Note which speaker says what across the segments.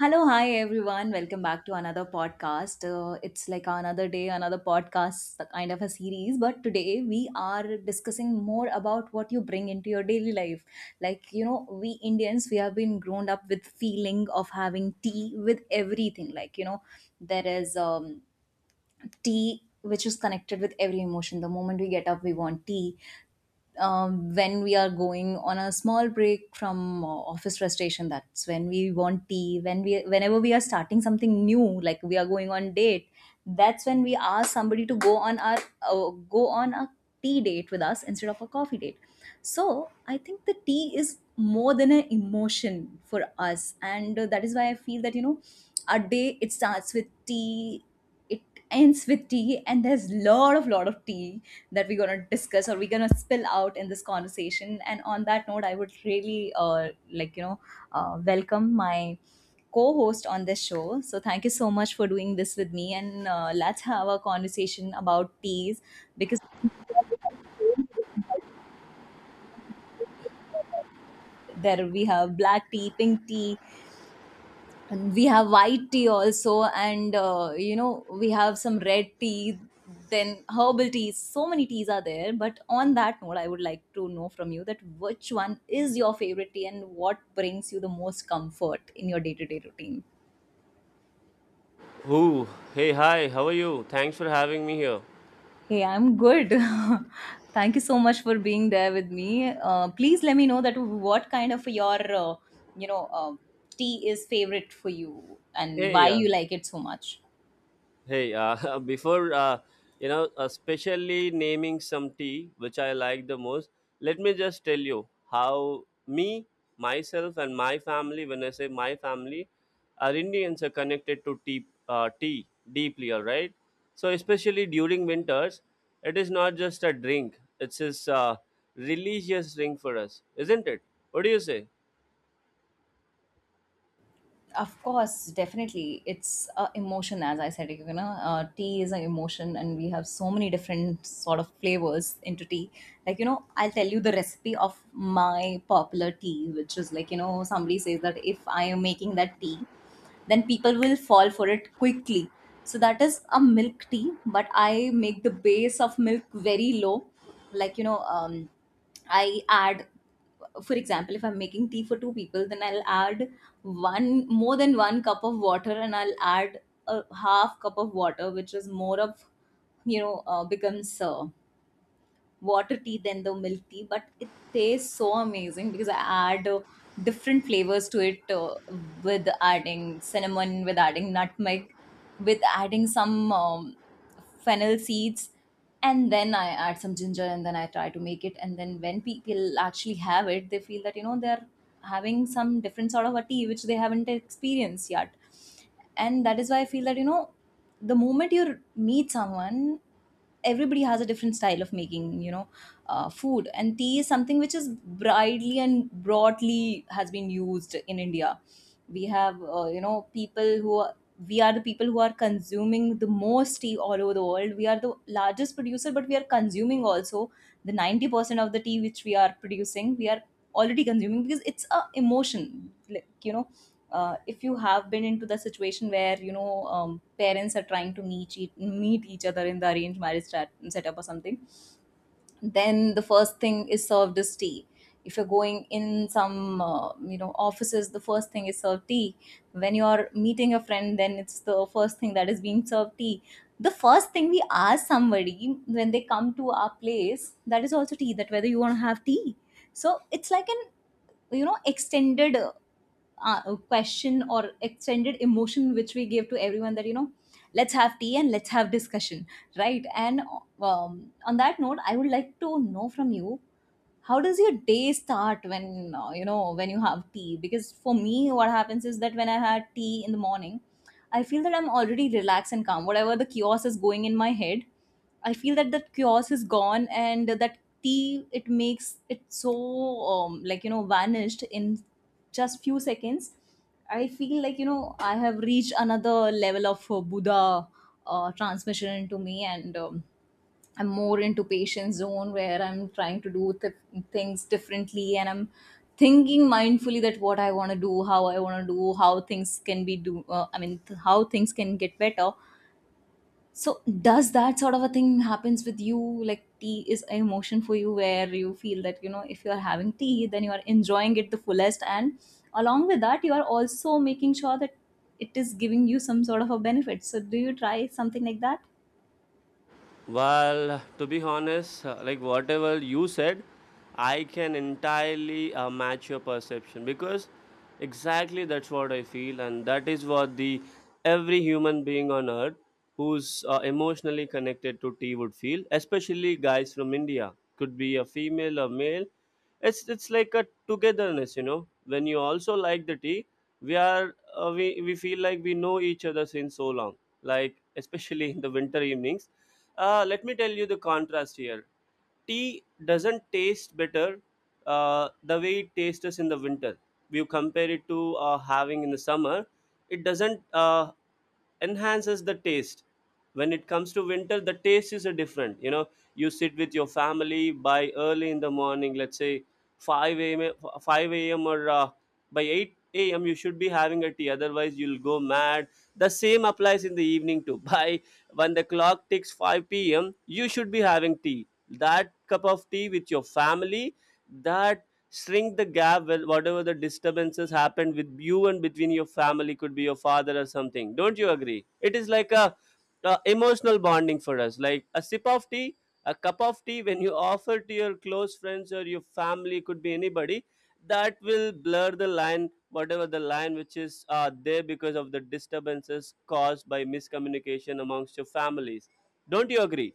Speaker 1: Hello, hi everyone. Welcome back to another podcast. It's like another day, another podcast kind of a series. But today we are discussing more about what you bring into your daily life. Like, you know, we Indians, we have been grown up with feeling of having tea with everything. Like, you know, there is tea which is connected with every emotion. The moment we get up we want tea. When we are going on a small break from office frustration, that's when we want tea. When we whenever we are starting something new, like we are going on date, that's when we ask somebody to go on a tea date with us instead of a coffee date. So I think the tea is more than an emotion for us, and that is why I feel that our day, it starts with tea. It ends with tea, and there's lot of tea that we're gonna discuss or we're gonna spill out in this conversation. And on that note, I would really welcome my co-host on this show. So thank you so much for doing this with me, and let's have a conversation about teas. Because there we have black tea, pink tea, and we have white tea also. And you know, we have some red tea, then herbal teas. So many teas are there, but on that note, I would like to know from you that which one is your favorite tea and what brings you the most comfort in your day-to-day routine.
Speaker 2: Who? Hey, hi. How are you? Thanks for having me here.
Speaker 1: Hey, I'm good. Thank you so much for being there with me. Please let me know that what kind of your you know uh, tea is favorite for you and why
Speaker 2: Hey,
Speaker 1: you like it so much.
Speaker 2: hey. Before especially naming some tea which I like the most. Let me just tell you how me, myself, and my family. When I say my family, our Indians are connected to tea deeply. All right. So especially during winters, it is not just a drink. It's a uh, religious drink for us, isn't it? What do you say?
Speaker 1: Of course, definitely. It's a emotion, as I said. You know, tea is an emotion, and we have so many different sort of flavors into tea. Like you know, I'll tell you the recipe of my popular tea, which is like you know, somebody says that if I am making that tea, then people will fall for it quickly. So that is a milk tea, but I make the base of milk very low, like you know, I add, for example, if I'm making tea for two people, then I'll add one more than one cup of water, and I'll add a half cup of water, which is more of, becomes water tea than the milk tea. But it tastes so amazing because I add different flavors to it, with adding cinnamon, with adding nutmeg, with adding some fennel seeds, and then I add some ginger, and then I try to make it. And then when people actually have it, they feel that you know they're having some different sort of a tea which they haven't experienced yet. And that is why I feel that you know the moment you meet someone, everybody has a different style of making, you know, food. And tea is something which is widely and broadly has been used in India. We have, you know, people who we are the people who are consuming the most tea all over the world. We are the largest producer, but we are consuming also the 90% of the tea which we are producing. We are already consuming because it's a emotion. Like, you know, if you have been into the situation where, you know, parents are trying to meet, meet each other in the setup or something, then the first thing is served is tea. If you're going in some you know offices, the first thing is served tea. When you are meeting a friend, then it's the first thing that is being served, tea. The first thing we ask somebody when they come to our place, that is also tea, that whether you want to have tea. So it's like an you know extended question or extended emotion which we gave to everyone, that you know let's have tea and let's have discussion, right? And on that note, I would like to know from you how does your day start when you know when you have tea. Because for me what happens is that when I had tea in the morning, I feel that I'm already relaxed and calm. Whatever the chaos is going in my head, I feel that that chaos is gone, and that tea, it makes it so like you know vanished in just few seconds. I feel like you know I have reached another level of Buddha transmission into me. And I'm more into patient zone where I'm trying to do things differently, and I'm thinking mindfully that what I want to do, how I want to do, how things can be do. How things can get better. So does that sort of a thing happens with you? Like tea is an emotion for you where you feel that you know if you are having tea, then you are enjoying it the fullest, and along with that, you are also making sure that it is giving you some sort of a benefit. So do you try something like that?
Speaker 2: Well, to be honest, like whatever you said, I can entirely match your perception, because exactly that's what I feel, and that is what the every human being on earth who's emotionally connected to tea would feel, especially guys from India. Could be a female or male. It's like a togetherness. When you also like the tea, we feel like we know each other since so long. Like especially in the winter evenings, let me tell you the contrast here. Tea doesn't taste better the way it tastes us in the winter. We compare it to having in the summer. It doesn't enhances the taste. When it comes to winter, the taste is a different. You know, you sit with your family by early in the morning. Let's say five a.m. five a.m. or by eight a.m. You should be having a tea. Otherwise, you'll go mad. The same applies in the evening too. By when the clock ticks 5 p.m., you should be having tea. That cup of tea with your family, that shrink the gap with whatever the disturbances happened with you and between your family. Could be your father or something. Don't you agree? It is like a emotional bonding for us, like a sip of tea, a cup of tea, when you offer to your close friends or your family, could be anybody, that will blur the line, whatever the line which is there, because of the disturbances caused by miscommunication amongst your families. Don't you agree?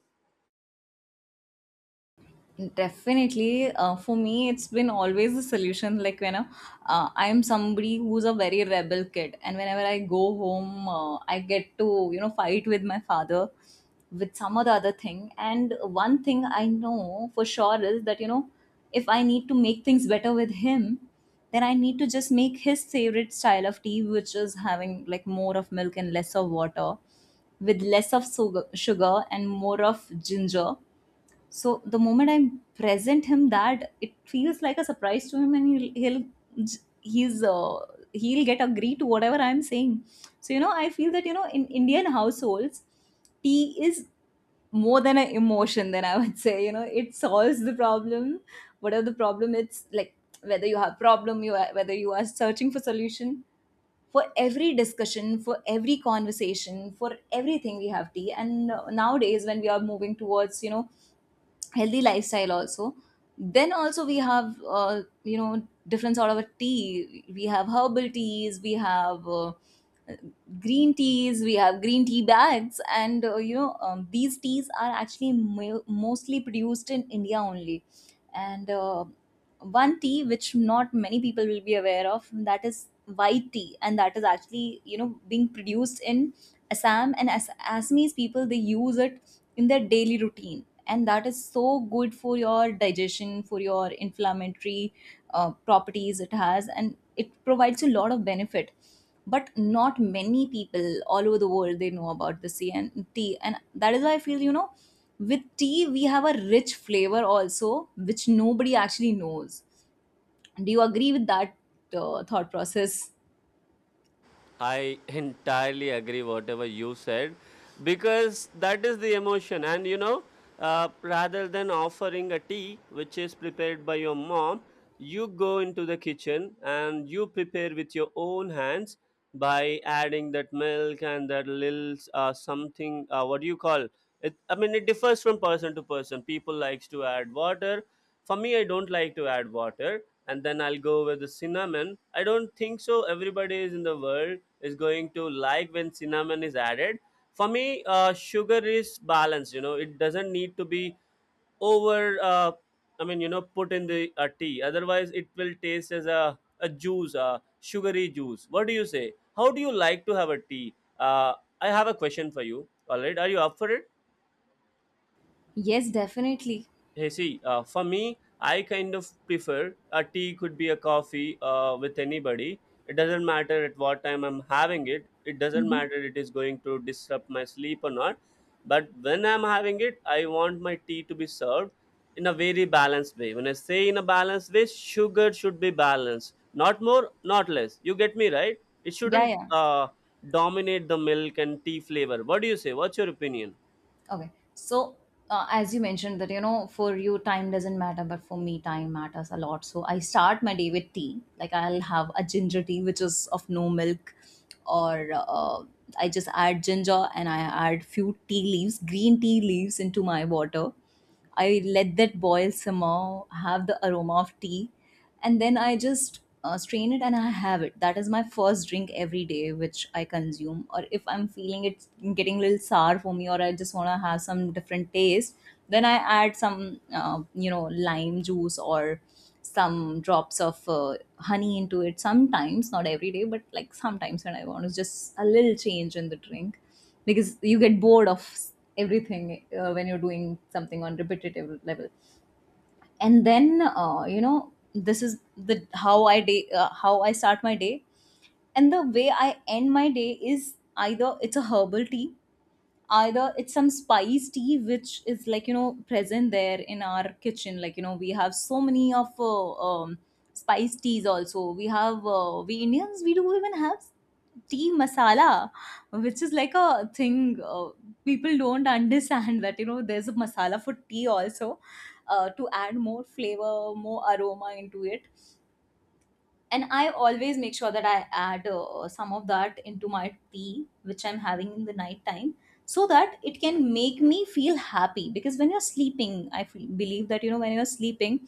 Speaker 1: Definitely, for me, it's been always a solution. I'm somebody who's a very rebel kid, and whenever I go home, I get to you know fight with my father with some or the other thing. And one thing I know for sure is that you know if I need to make things better with him, then I need to just make his favorite style of tea, which is having like more of milk and less of water, with less of sugar, sugar and more of ginger. So the moment I present him that, it feels like a surprise to him, and he's uh, he'll get agree to whatever I'm saying. So you know, I feel that you know, in Indian households, tea is more than an emotion. Then I would say, you know, it solves the problem, whatever the problem. It's like whether you have problem, whether you are searching for solution. For every discussion, for every conversation, for everything, we have tea. And nowadays, when we are moving towards, you know, healthy lifestyle also, then also we have you know different sort of a tea. We have herbal teas, we have green teas, we have green tea bags. And you know these teas are actually mostly produced in India only. And one tea which not many people will be aware of, that is white tea. And that is actually you know being produced in Assam. And as Assamese people, they use it in their daily routine, and that is so good for your digestion, for your inflammatory properties it has, and it provides you a lot of benefit. But not many people all over the world they know about the sea and tea. And that is why I feel you know with tea we have a rich flavor also, which nobody actually knows. Do you agree with that thought process?
Speaker 2: I entirely agree whatever you said, because that is the emotion, and rather than offering a tea which is prepared by your mom, you go into the kitchen and you prepare with your own hands, by adding that milk and that little, something, what do you call it? I mean, it differs from person to person. People likes to add water. For me, I don't like to add water, and then I'll go with the cinnamon. I don't think so. Everybody is in the world is going to like when cinnamon is added. For me, sugar is balanced. You know, it doesn't need to be over. I mean, put in the tea. Otherwise, it will taste as a juice, a sugary juice. What do you say? How do you like to have a tea? Uh, I have a question for you. All right, are you up for it?
Speaker 1: Yes, definitely.
Speaker 2: Hey, see, for me, I kind of prefer a tea, could be a coffee, with anybody. It doesn't matter at what time I'm having it. It doesn't
Speaker 1: Hmm.
Speaker 2: matter it is going to disrupt my sleep or not. But when I'm having it, I want my tea to be served in a very balanced way. When I say in a balanced way, sugar should be balanced, not more, not less. You get me right? It
Speaker 1: Yeah,
Speaker 2: shouldn't
Speaker 1: yeah.
Speaker 2: dominate the milk and tea flavor. What do you say? What's your opinion?
Speaker 1: Okay. So, as you mentioned that, you know, for you time doesn't matter, but for me time matters a lot. So, I start my day with tea. Like, I'll have a ginger tea, which is of no milk, or I just add ginger, and I add few tea leaves, green tea leaves into my water. I let that boil, simmer, have the aroma of tea, and then I just strain it and I have it. That is my first drink every day, which I consume. Or if I'm feeling it's getting a little sour for me, or I just want to have some different taste, then I add some, lime juice or some drops of honey into it sometimes, not every day, but like sometimes when I want. It's just a little change in the drink because you get bored of everything when you're doing something on repetitive level. And then this is the how I day how I start my day. And the way I end my day is either it's a herbal tea, either it's some spice tea which is like, you know, present there in our kitchen. Like, you know, we have so many of spice teas also. We have, we Indians, we do even have tea masala, which is like a thing, people don't understand that, you know, there's a masala for tea also, to add more flavor, more aroma into it. And I always make sure that I add some of that into my tea which I'm having in the night time, so that it can make me feel happy. Because when you're sleeping, I feel, believe that, you know, when you're sleeping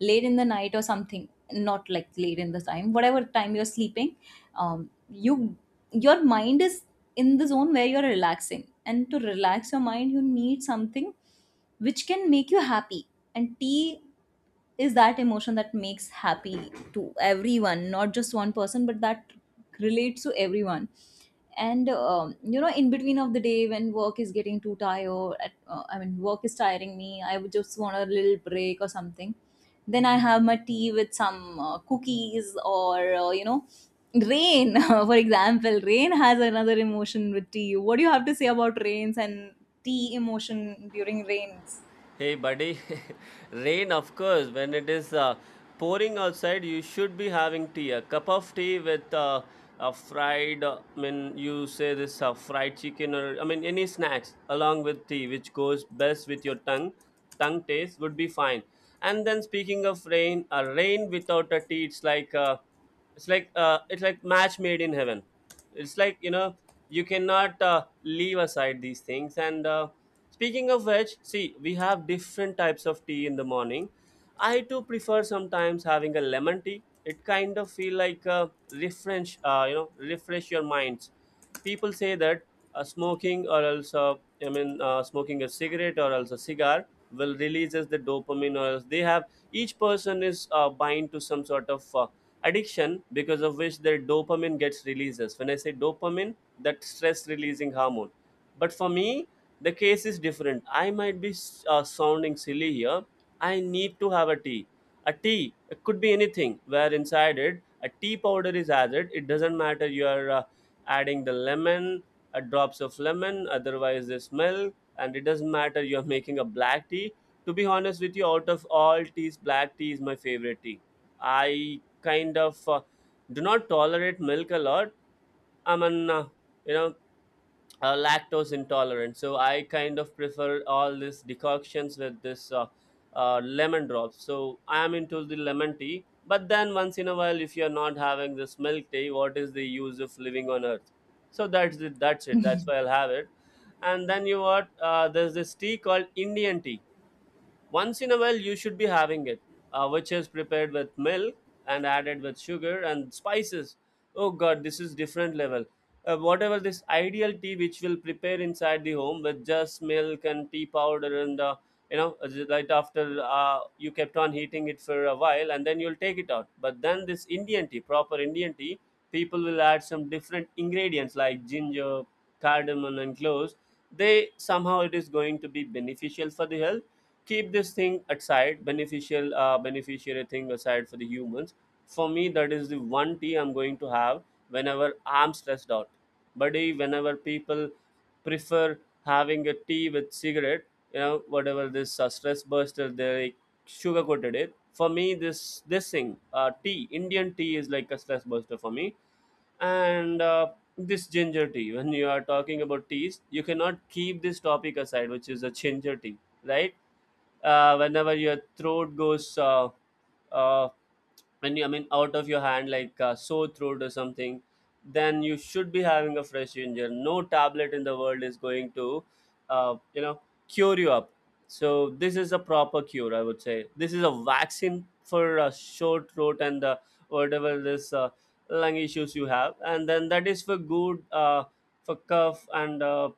Speaker 1: late in the night or something, not like late in the time, whatever time you're sleeping, you, your mind is in the zone where you're relaxing, and to relax your mind you need something which can make you happy. And tea is that emotion that makes happy to everyone, not just one person, but that relates to everyone. And you know, in between of the day when work is getting too tired at, I mean, work is tiring me, I would just want a little break or something. Then I have my tea with some cookies or you know, rain. For example, rain has another emotion with tea. What do you have to say about rains and tea emotion during rains?
Speaker 2: Hey, buddy. Rain, of course. When it is pouring outside, you should be having tea. A cup of tea with a fried, I mean, you say this fried chicken, or I mean, any snacks along with tea, which goes best with your tongue. Tongue taste would be fine. And then, speaking of rain, a rain without a tea, it's like match made in heaven. It's like, you cannot leave aside these things. And speaking of which, see, we have different types of tea in the morning. I too prefer sometimes having a lemon tea. It kind of feel like, refresh your minds. People say that smoking or else, I mean, smoking a cigarette or else a cigar will releases the dopamine, or else they have, each person is bind to some sort of addiction, because of which their dopamine gets releases. When I say dopamine, that stress releasing hormone. But for me, the case is different. I might be sounding silly here. I need to have a tea. A tea, it could be anything where inside it a tea powder is added. It doesn't matter your adding the lemon, drops of lemon, otherwise the smell, and it doesn't matter you're making a black tea. To be honest with you, out of all teas, black tea is my favorite tea. I kind of do not tolerate milk a lot. I'm an, you know, lactose intolerant. So I kind of prefer all these decoctions with this lemon drops. So I am into the lemon tea. But then once in a while, if you're not having this milk tea, what is the use of living on earth? So that's it. That's it. That's why I'll have it. And then you what? There's this tea called Indian tea. Once in a while, you should be having it, which is prepared with milk and added with sugar and spices. Oh God, this is different level. Whatever this ideal tea which will prepare inside the home with just milk and tea powder, and right after, you kept on heating it for a while and then you'll take it out. But then this Indian tea, proper Indian tea, people will add some different ingredients like ginger, cardamom, and cloves. They somehow it is going to be beneficial for the health. Keep this thing aside, beneficial beneficiary thing aside, for the humans. For me, that is the one tea I'm going to have whenever I'm stressed out, buddy. Whenever people prefer having a tea with cigarette, whatever this stress buster they sugar coated it, for me, this thing, tea Indian tea is like a stress buster for me. And this ginger tea, when you are talking about teas, you cannot keep this topic aside, which is a ginger tea, right? Whenever your throat goes, uh, when you, I mean, out of your hand, like sore throat or something, then you should be having a fresh ginger. No tablet in the world is going to uh, you know cure you up. So this is a proper cure, I would say. This is a vaccine for sore throat and whatever this lung issues you have, and then that is for good, for cough and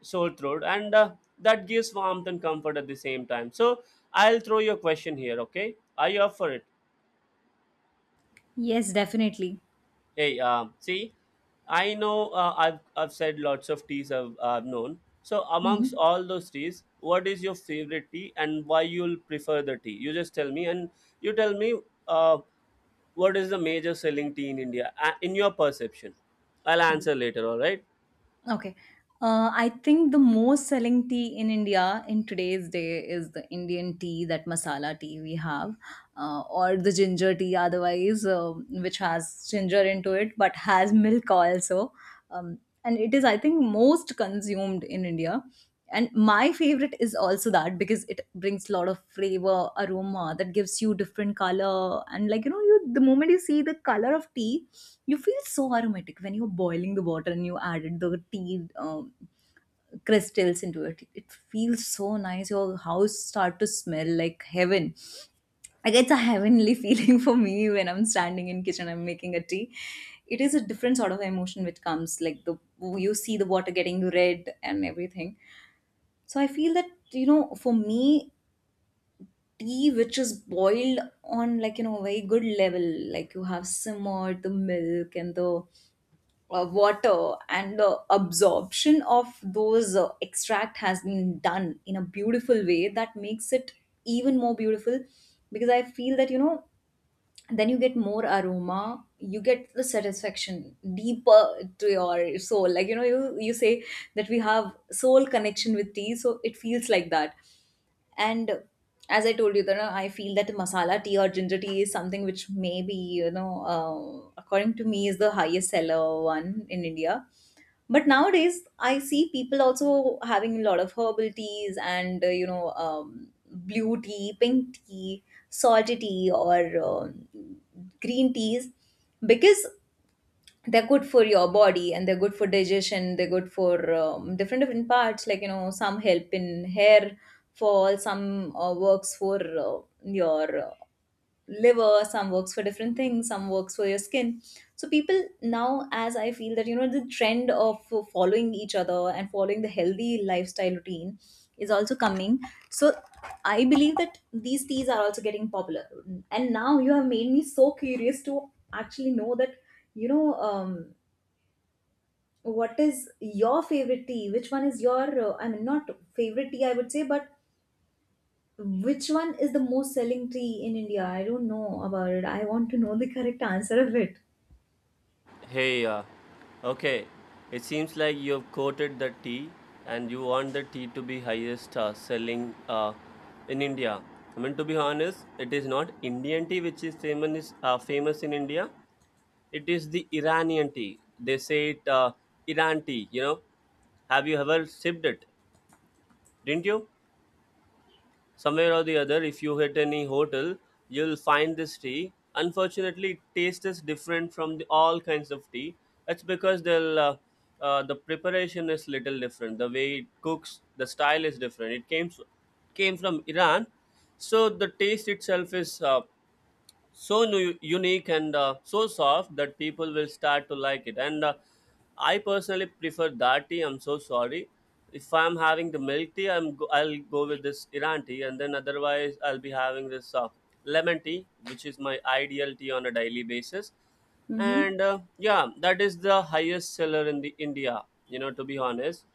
Speaker 2: soul throat and that gives warmth and comfort at the same time. So I'll throw you a question here. Okay, are you up for it?
Speaker 1: Yes, definitely.
Speaker 2: Hey, see, I know, I've, said lots of teas I've, known. So amongst
Speaker 1: Hmm.
Speaker 2: all those teas, what is your favorite tea, and why you'll prefer the tea, you just tell me. And you tell me uh, what is the major selling tea in India, in your perception? I'll
Speaker 1: Okay.
Speaker 2: answer later, all right?
Speaker 1: Okay. I think the most selling tea in India in today's day is the Indian tea, that masala tea we have, or the ginger tea, otherwise, um, which has ginger into it but has milk also. Um, and it is, I think, most consumed in India. And my favorite is also that, because it brings a lot of flavor, aroma, that gives you different color. And like, you know, you, the moment you see the color of tea, you feel so aromatic. When you're boiling the water and you added the tea crystals into it, it feels so nice. Your house start to smell like heaven. Like, it's a heavenly feeling for me when I'm standing in kitchen, I'm making a tea. It is a different sort of emotion which comes, like, the, you see the water getting red and everything. So I feel that, you know, for me, tea which is boiled on, like, you know, a very good level, like you have simmered the milk and the water and the absorption of those extract has been done in a beautiful way, that makes it even more beautiful. Because I feel that, you know, then you get more aroma, you get the satisfaction deeper to your soul. Like, you know, you say that we have soul connection with tea, so it feels like that. And as I told you that, I feel that masala tea or ginger tea is something which, maybe, you know, according to me, is the highest seller one in India. But nowadays, I see people also having a lot of herbal teas and, you know, blue tea, pink tea, salty tea, or um, green teas, because they're good for your body and they're good for digestion. They're good for different different parts, like, you know, some help in hair fall, some works for your liver, some works for different things, some works for your skin. So people now, as I feel that, you know, the trend of following each other and following the healthy lifestyle routine is also coming. So I believe that these teas are also getting popular. And now you have made me so curious to actually know that, you know, um, what is your favorite tea, which one is your I mean, not favorite tea, I would say, but which one is the most selling tea in India? I don't know about it. I want to know the correct answer of it.
Speaker 2: Hey, okay. It seems like you've quoted the tea, and you want the tea to be highest selling, in India. I mean, to be honest, it is not Indian tea which is famous in India. It is the Iranian tea. They say it, Iran tea. Have you ever sipped it? Didn't you? Somewhere or the other, if you hit any hotel, you'll find this tea. Unfortunately, it tastes is different from the, all kinds of tea. That's because they'll the preparation is little different. The way it cooks, the style is different. Came from Iran. So the taste itself is so unique and so soft that people will start to like it, and I personally prefer that tea. I'm so sorry. If I'm having the milk tea, I'll go with this Iran tea, and then otherwise I'll be having this lemon tea, which is my ideal tea on a daily basis.
Speaker 1: Mm-hmm.
Speaker 2: And yeah, that is the highest seller in the India, you know, to be honest.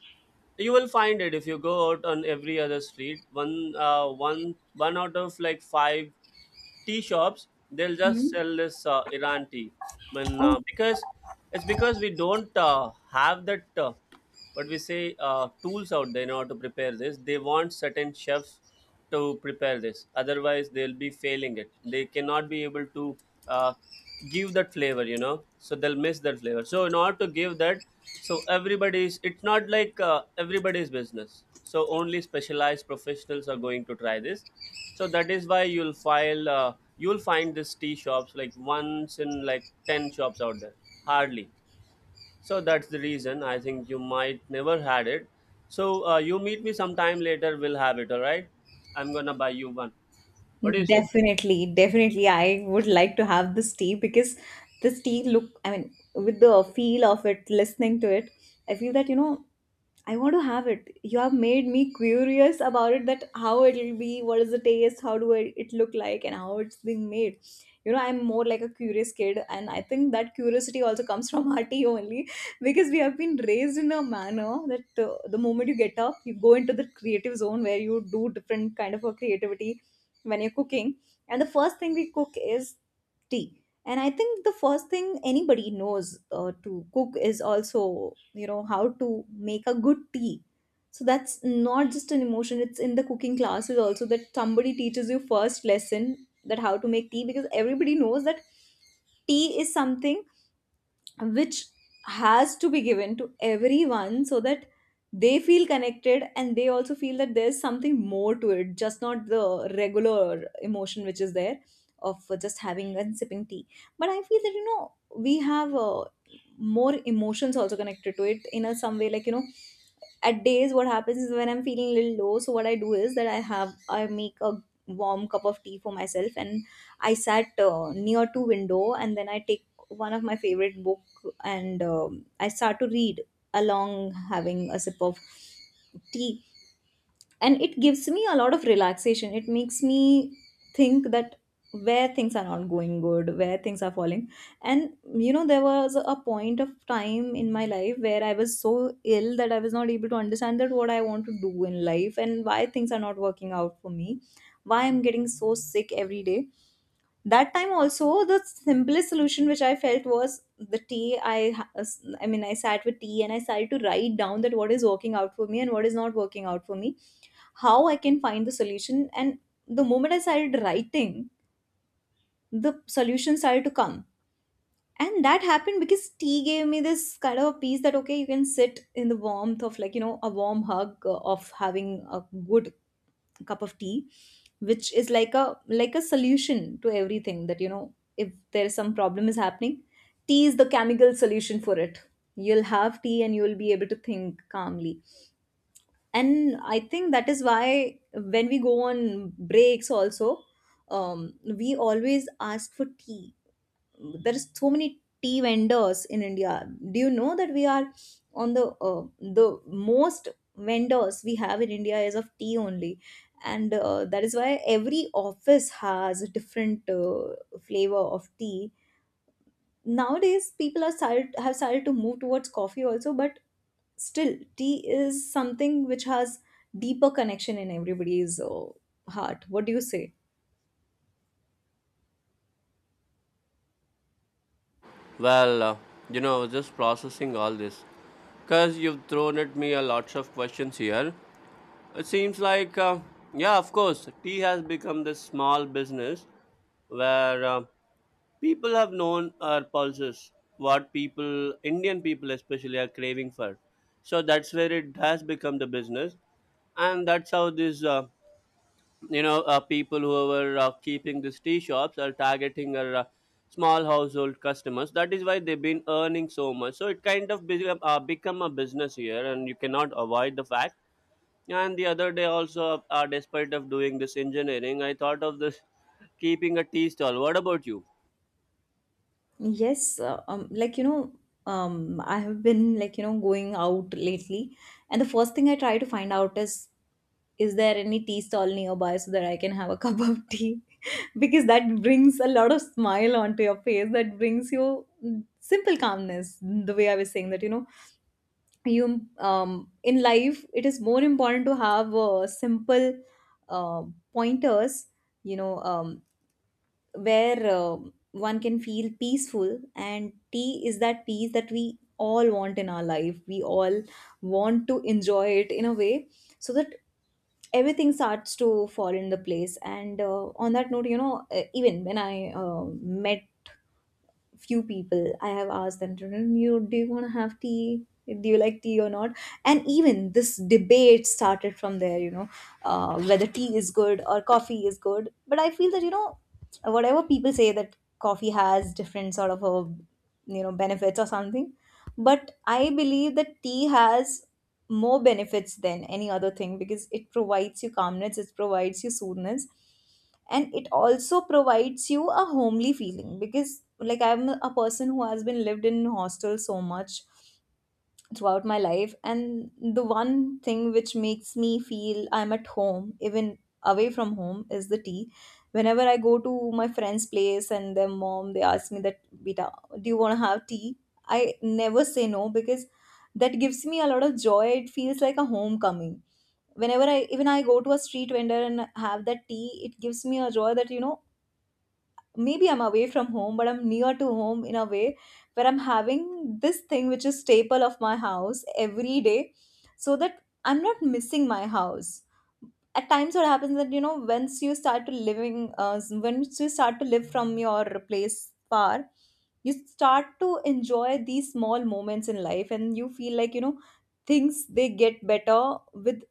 Speaker 2: You will find it. If you go out on every other street, one one out of like five tea shops, they'll
Speaker 1: Hmm.
Speaker 2: just sell this Iran tea. I mean,
Speaker 1: Oh.
Speaker 2: because it's because we don't have that what we say tools out there in order to prepare this. They want certain chefs to prepare this, otherwise they'll be failing it. They cannot be able to uh, give that flavor, you know, so they'll miss that flavor. So in order to give that, so everybody's, it's not like everybody's business, so only specialized professionals are going to try this. So that is why you'll find this tea shops like once in like 10 shops out there, hardly. So that's the reason I think you might never had it. So you meet me sometime later, we'll have it, all right? I'm gonna buy you one. What do you say?
Speaker 1: Definitely, definitely. I would like to have this tea because this tea look, I mean, with the feel of it, listening to it, I feel that, you know, I want to have it. You have made me curious about it, that how it'll be, what is the taste, how do I, it look like, and how it's being made. You know, I'm more like a curious kid, and I think that curiosity also comes from our tea only, because we have been raised in a manner that the moment you get up, you go into the creative zone where you do different kind of a creativity when you're cooking. And the first thing we cook is tea. And I think the first thing anybody knows to cook is also, you know, how to make a good tea. So that's not just an emotion, it's in the cooking classes also that somebody teaches you first lesson, that how to make tea, because everybody knows that tea is something which has to be given to everyone, so that they feel connected and they also feel that there's something more to it, just not the regular emotion which is there, of just having and sipping tea. But I feel that, you know, we have more emotions also connected to it in a some way. Like, you know, at days what happens is, when I'm feeling a little low, so what I do is that I have, I make a warm cup of tea for myself, and I sat near to window, and then I take one of my favorite book, and I start to read along having a sip of tea. And it gives me a lot of relaxation. It makes me think that where things are not going good, where things are falling. And you know, there was a point of time in my life where I was so ill that I was not able to understand that what I want to do in life and why things are not working out for me, why I'm getting so sick every day. That time also, the simplest solution which I felt was the tea. I mean, I sat with tea and I started to write down that what is working out for me and what is not working out for me, how I can find the solution. And the moment I started writing, the solution started to come. And that happened because tea gave me this kind of peace, that okay, you can sit in the warmth of, like, you know, a warm hug of having a good cup of tea, which is like a, like a solution to everything. That you know, if there's some problem is happening, tea is the chemical solution for it. You'll have tea and you'll be able to think calmly. And I think that is why when we go on breaks also, we always ask for tea. There is so many tea vendors in India. Do you know that we are on the most vendors we have in India is of tea only, and that is why every office has a different flavor of tea. Nowadays, people are started, have started to move towards coffee also, but still, tea is something which has deeper connection in everybody's heart. What do you say?
Speaker 2: Well, you know, I was just processing all this because you've thrown at me a lots of questions here. It seems like, yeah, of course, tea has become this small business where people have known our pulses, what people, Indian people especially, are craving for. So that's where it has become the business, and that's how these, you know, people who are keeping these tea shops are targeting our small household customers. That is why they've been earning so much. So it kind of become, become a business here, and you cannot avoid the fact. And the other day also, despite of doing this engineering, I thought of this keeping a tea stall. What about you?
Speaker 1: Yes, like, you know, I have been, like, you know, going out lately, and the first thing I try to find out is there any tea stall nearby so that I can have a cup of tea? Because that brings a lot of smile onto your face. That brings you, mm, simple calmness. The way I was saying that, you know, you, in life it is more important to have simple uh, pointers. You know, where um, one can feel peaceful. And tea is that peace that we all want in our life. We all want to enjoy it in a way so that everything starts to fall into place. And on that note, you know, even when I met few people, I have asked them to, you, do you want to have tea, do you like tea or not. And even this debate started from there, you know, whether tea is good or coffee is good. But I feel that, you know, whatever people say that coffee has different sort of a, you know, benefits or something, but I believe that tea has more benefits than any other thing, because it provides you calmness, it provides you soothness, and it also provides you a homely feeling. Because like, I'm a person who has been lived in hostel so much throughout my life, and the one thing which makes me feel I'm at home, even away from home, is the tea. Whenever I go to my friend's place and their mom, they ask me that, beta, do you want to have tea, I never say no, because that gives me a lot of joy. It feels like a homecoming. Whenever I, even I go to a street vendor and have that tea, it gives me a joy that, you know, maybe I'm away from home, but I'm near to home in a way, where I'm having this thing which is staple of my house every day, so that I'm not missing my house. At times what happens that, you know, once you start to living, once you start to live from your place far, you start to enjoy these small moments in life, and you feel like, you know, things, they get better with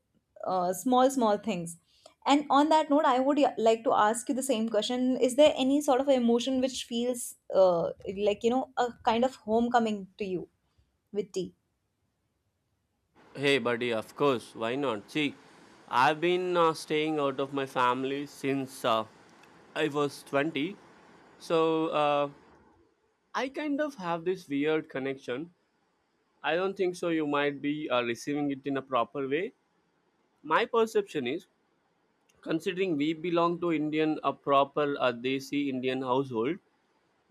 Speaker 1: small small things. And on that note, I would like to ask you the same question. Is there any sort of emotion which feels like, you know, a kind of homecoming to you with tea?
Speaker 2: Hey, buddy, of course, why not? See, I've been staying out of my family since I was 20, so I kind of have this weird connection. I don't think so, you might be receiving it in a proper way. My perception is, considering we belong to Indian, a proper Desi Indian household,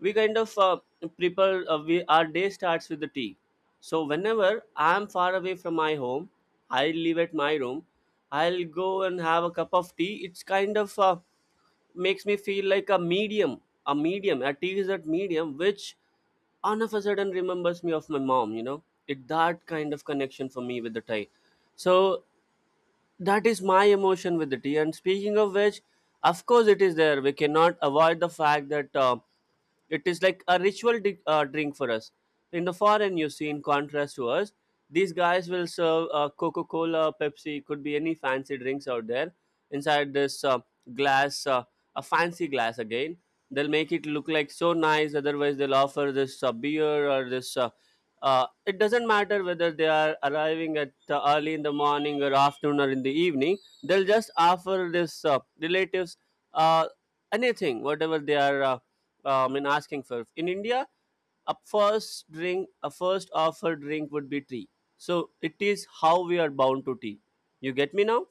Speaker 2: we kind of prepare we our day starts with the tea. So whenever I'm far away from my home, I live at my room, I'll go and have a cup of tea. It's kind of makes me feel like a medium. A tea is that medium which all of a sudden remembers me of my mom, you know. It that kind of connection for me with the tea. So that is my emotion with the tea, and speaking of which, of course it is there. We cannot avoid the fact that it is like a ritual drink for us. In the foreign, you see, in contrast to us, these guys will serve Coca-Cola, Pepsi, could be any fancy drinks out there inside this glass a fancy glass again. They'll make it look like so nice. Otherwise, they'll offer this beer or this it doesn't matter whether they are arriving at early in the morning or afternoon or in the evening. They'll just offer this relatives uh, anything whatever they are I asking for. In India, a first drink, a first offered drink would be tea. So it is how we are bound to tea. You get me now?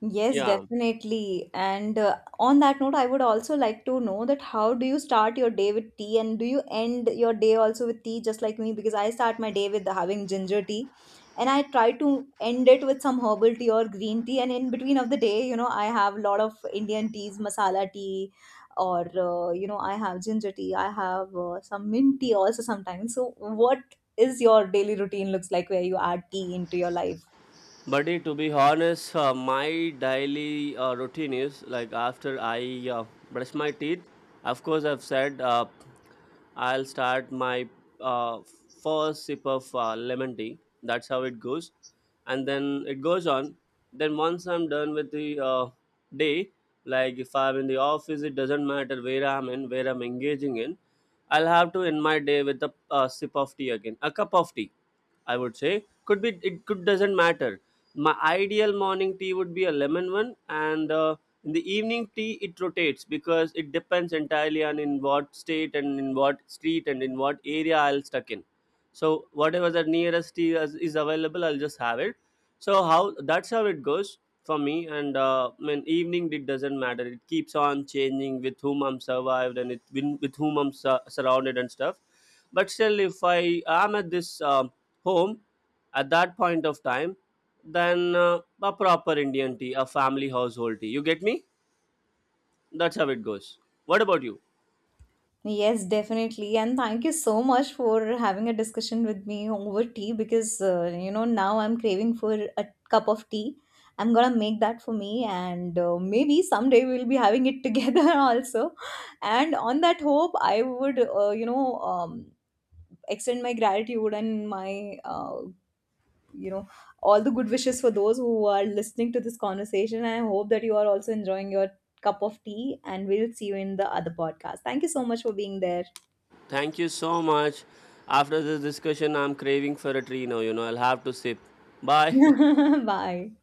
Speaker 1: Yes,
Speaker 2: Yeah.
Speaker 1: definitely. And on that note, I would also like to know that how do you start your day with tea, and do you end your day also with tea just like me? Because I start my day with having ginger tea, and I try to end it with some herbal tea or green tea. And in between of the day, you know, I have a lot of Indian teas, masala tea, or, you know, I have ginger tea, I have some mint tea also sometimes. So what is your daily routine looks like where you add tea into your life?
Speaker 2: Buddy, to be honest, my daily routine is like after I brush my teeth, of course, I've said I'll start my uh, first sip of lemon tea. That's how it goes. And then it goes on. Then once I'm done with the day, like if I'm in the office, it doesn't matter where I'm in, where I'm engaging in, I'll have to end my day with a sip of tea again, a cup of tea, I would say. Could be it could doesn't matter. My ideal morning tea would be a lemon one, and in the evening tea it rotates because it depends entirely on in what state and in what street and in what area I'll stuck in. So whatever the nearest tea is available, I'll just have it. So how that's how it goes for me. And I mean, evening it doesn't matter. It keeps on changing with whom I'm survived and it with whom surrounded and stuff. But still, if I am at this home at that point of time, then a proper Indian tea, a family household tea, you get me? That's how it goes. What about you?
Speaker 1: Yes, definitely. And thank you so much for having a discussion with me over tea, because, you know, now I'm craving for a cup of tea. I'm gonna make that for me, and maybe someday we'll be having it together also. And on that hope, I would, you know, extend my gratitude and my, you know, all the good wishes for those who are listening to this conversation. And I hope that you are also enjoying your cup of tea, and we'll see you in the other podcast. Thank you so much for being there.
Speaker 2: Thank you so much. After this discussion, I'm craving for a tree now, you know. I'll have to sip. Bye.
Speaker 1: Bye.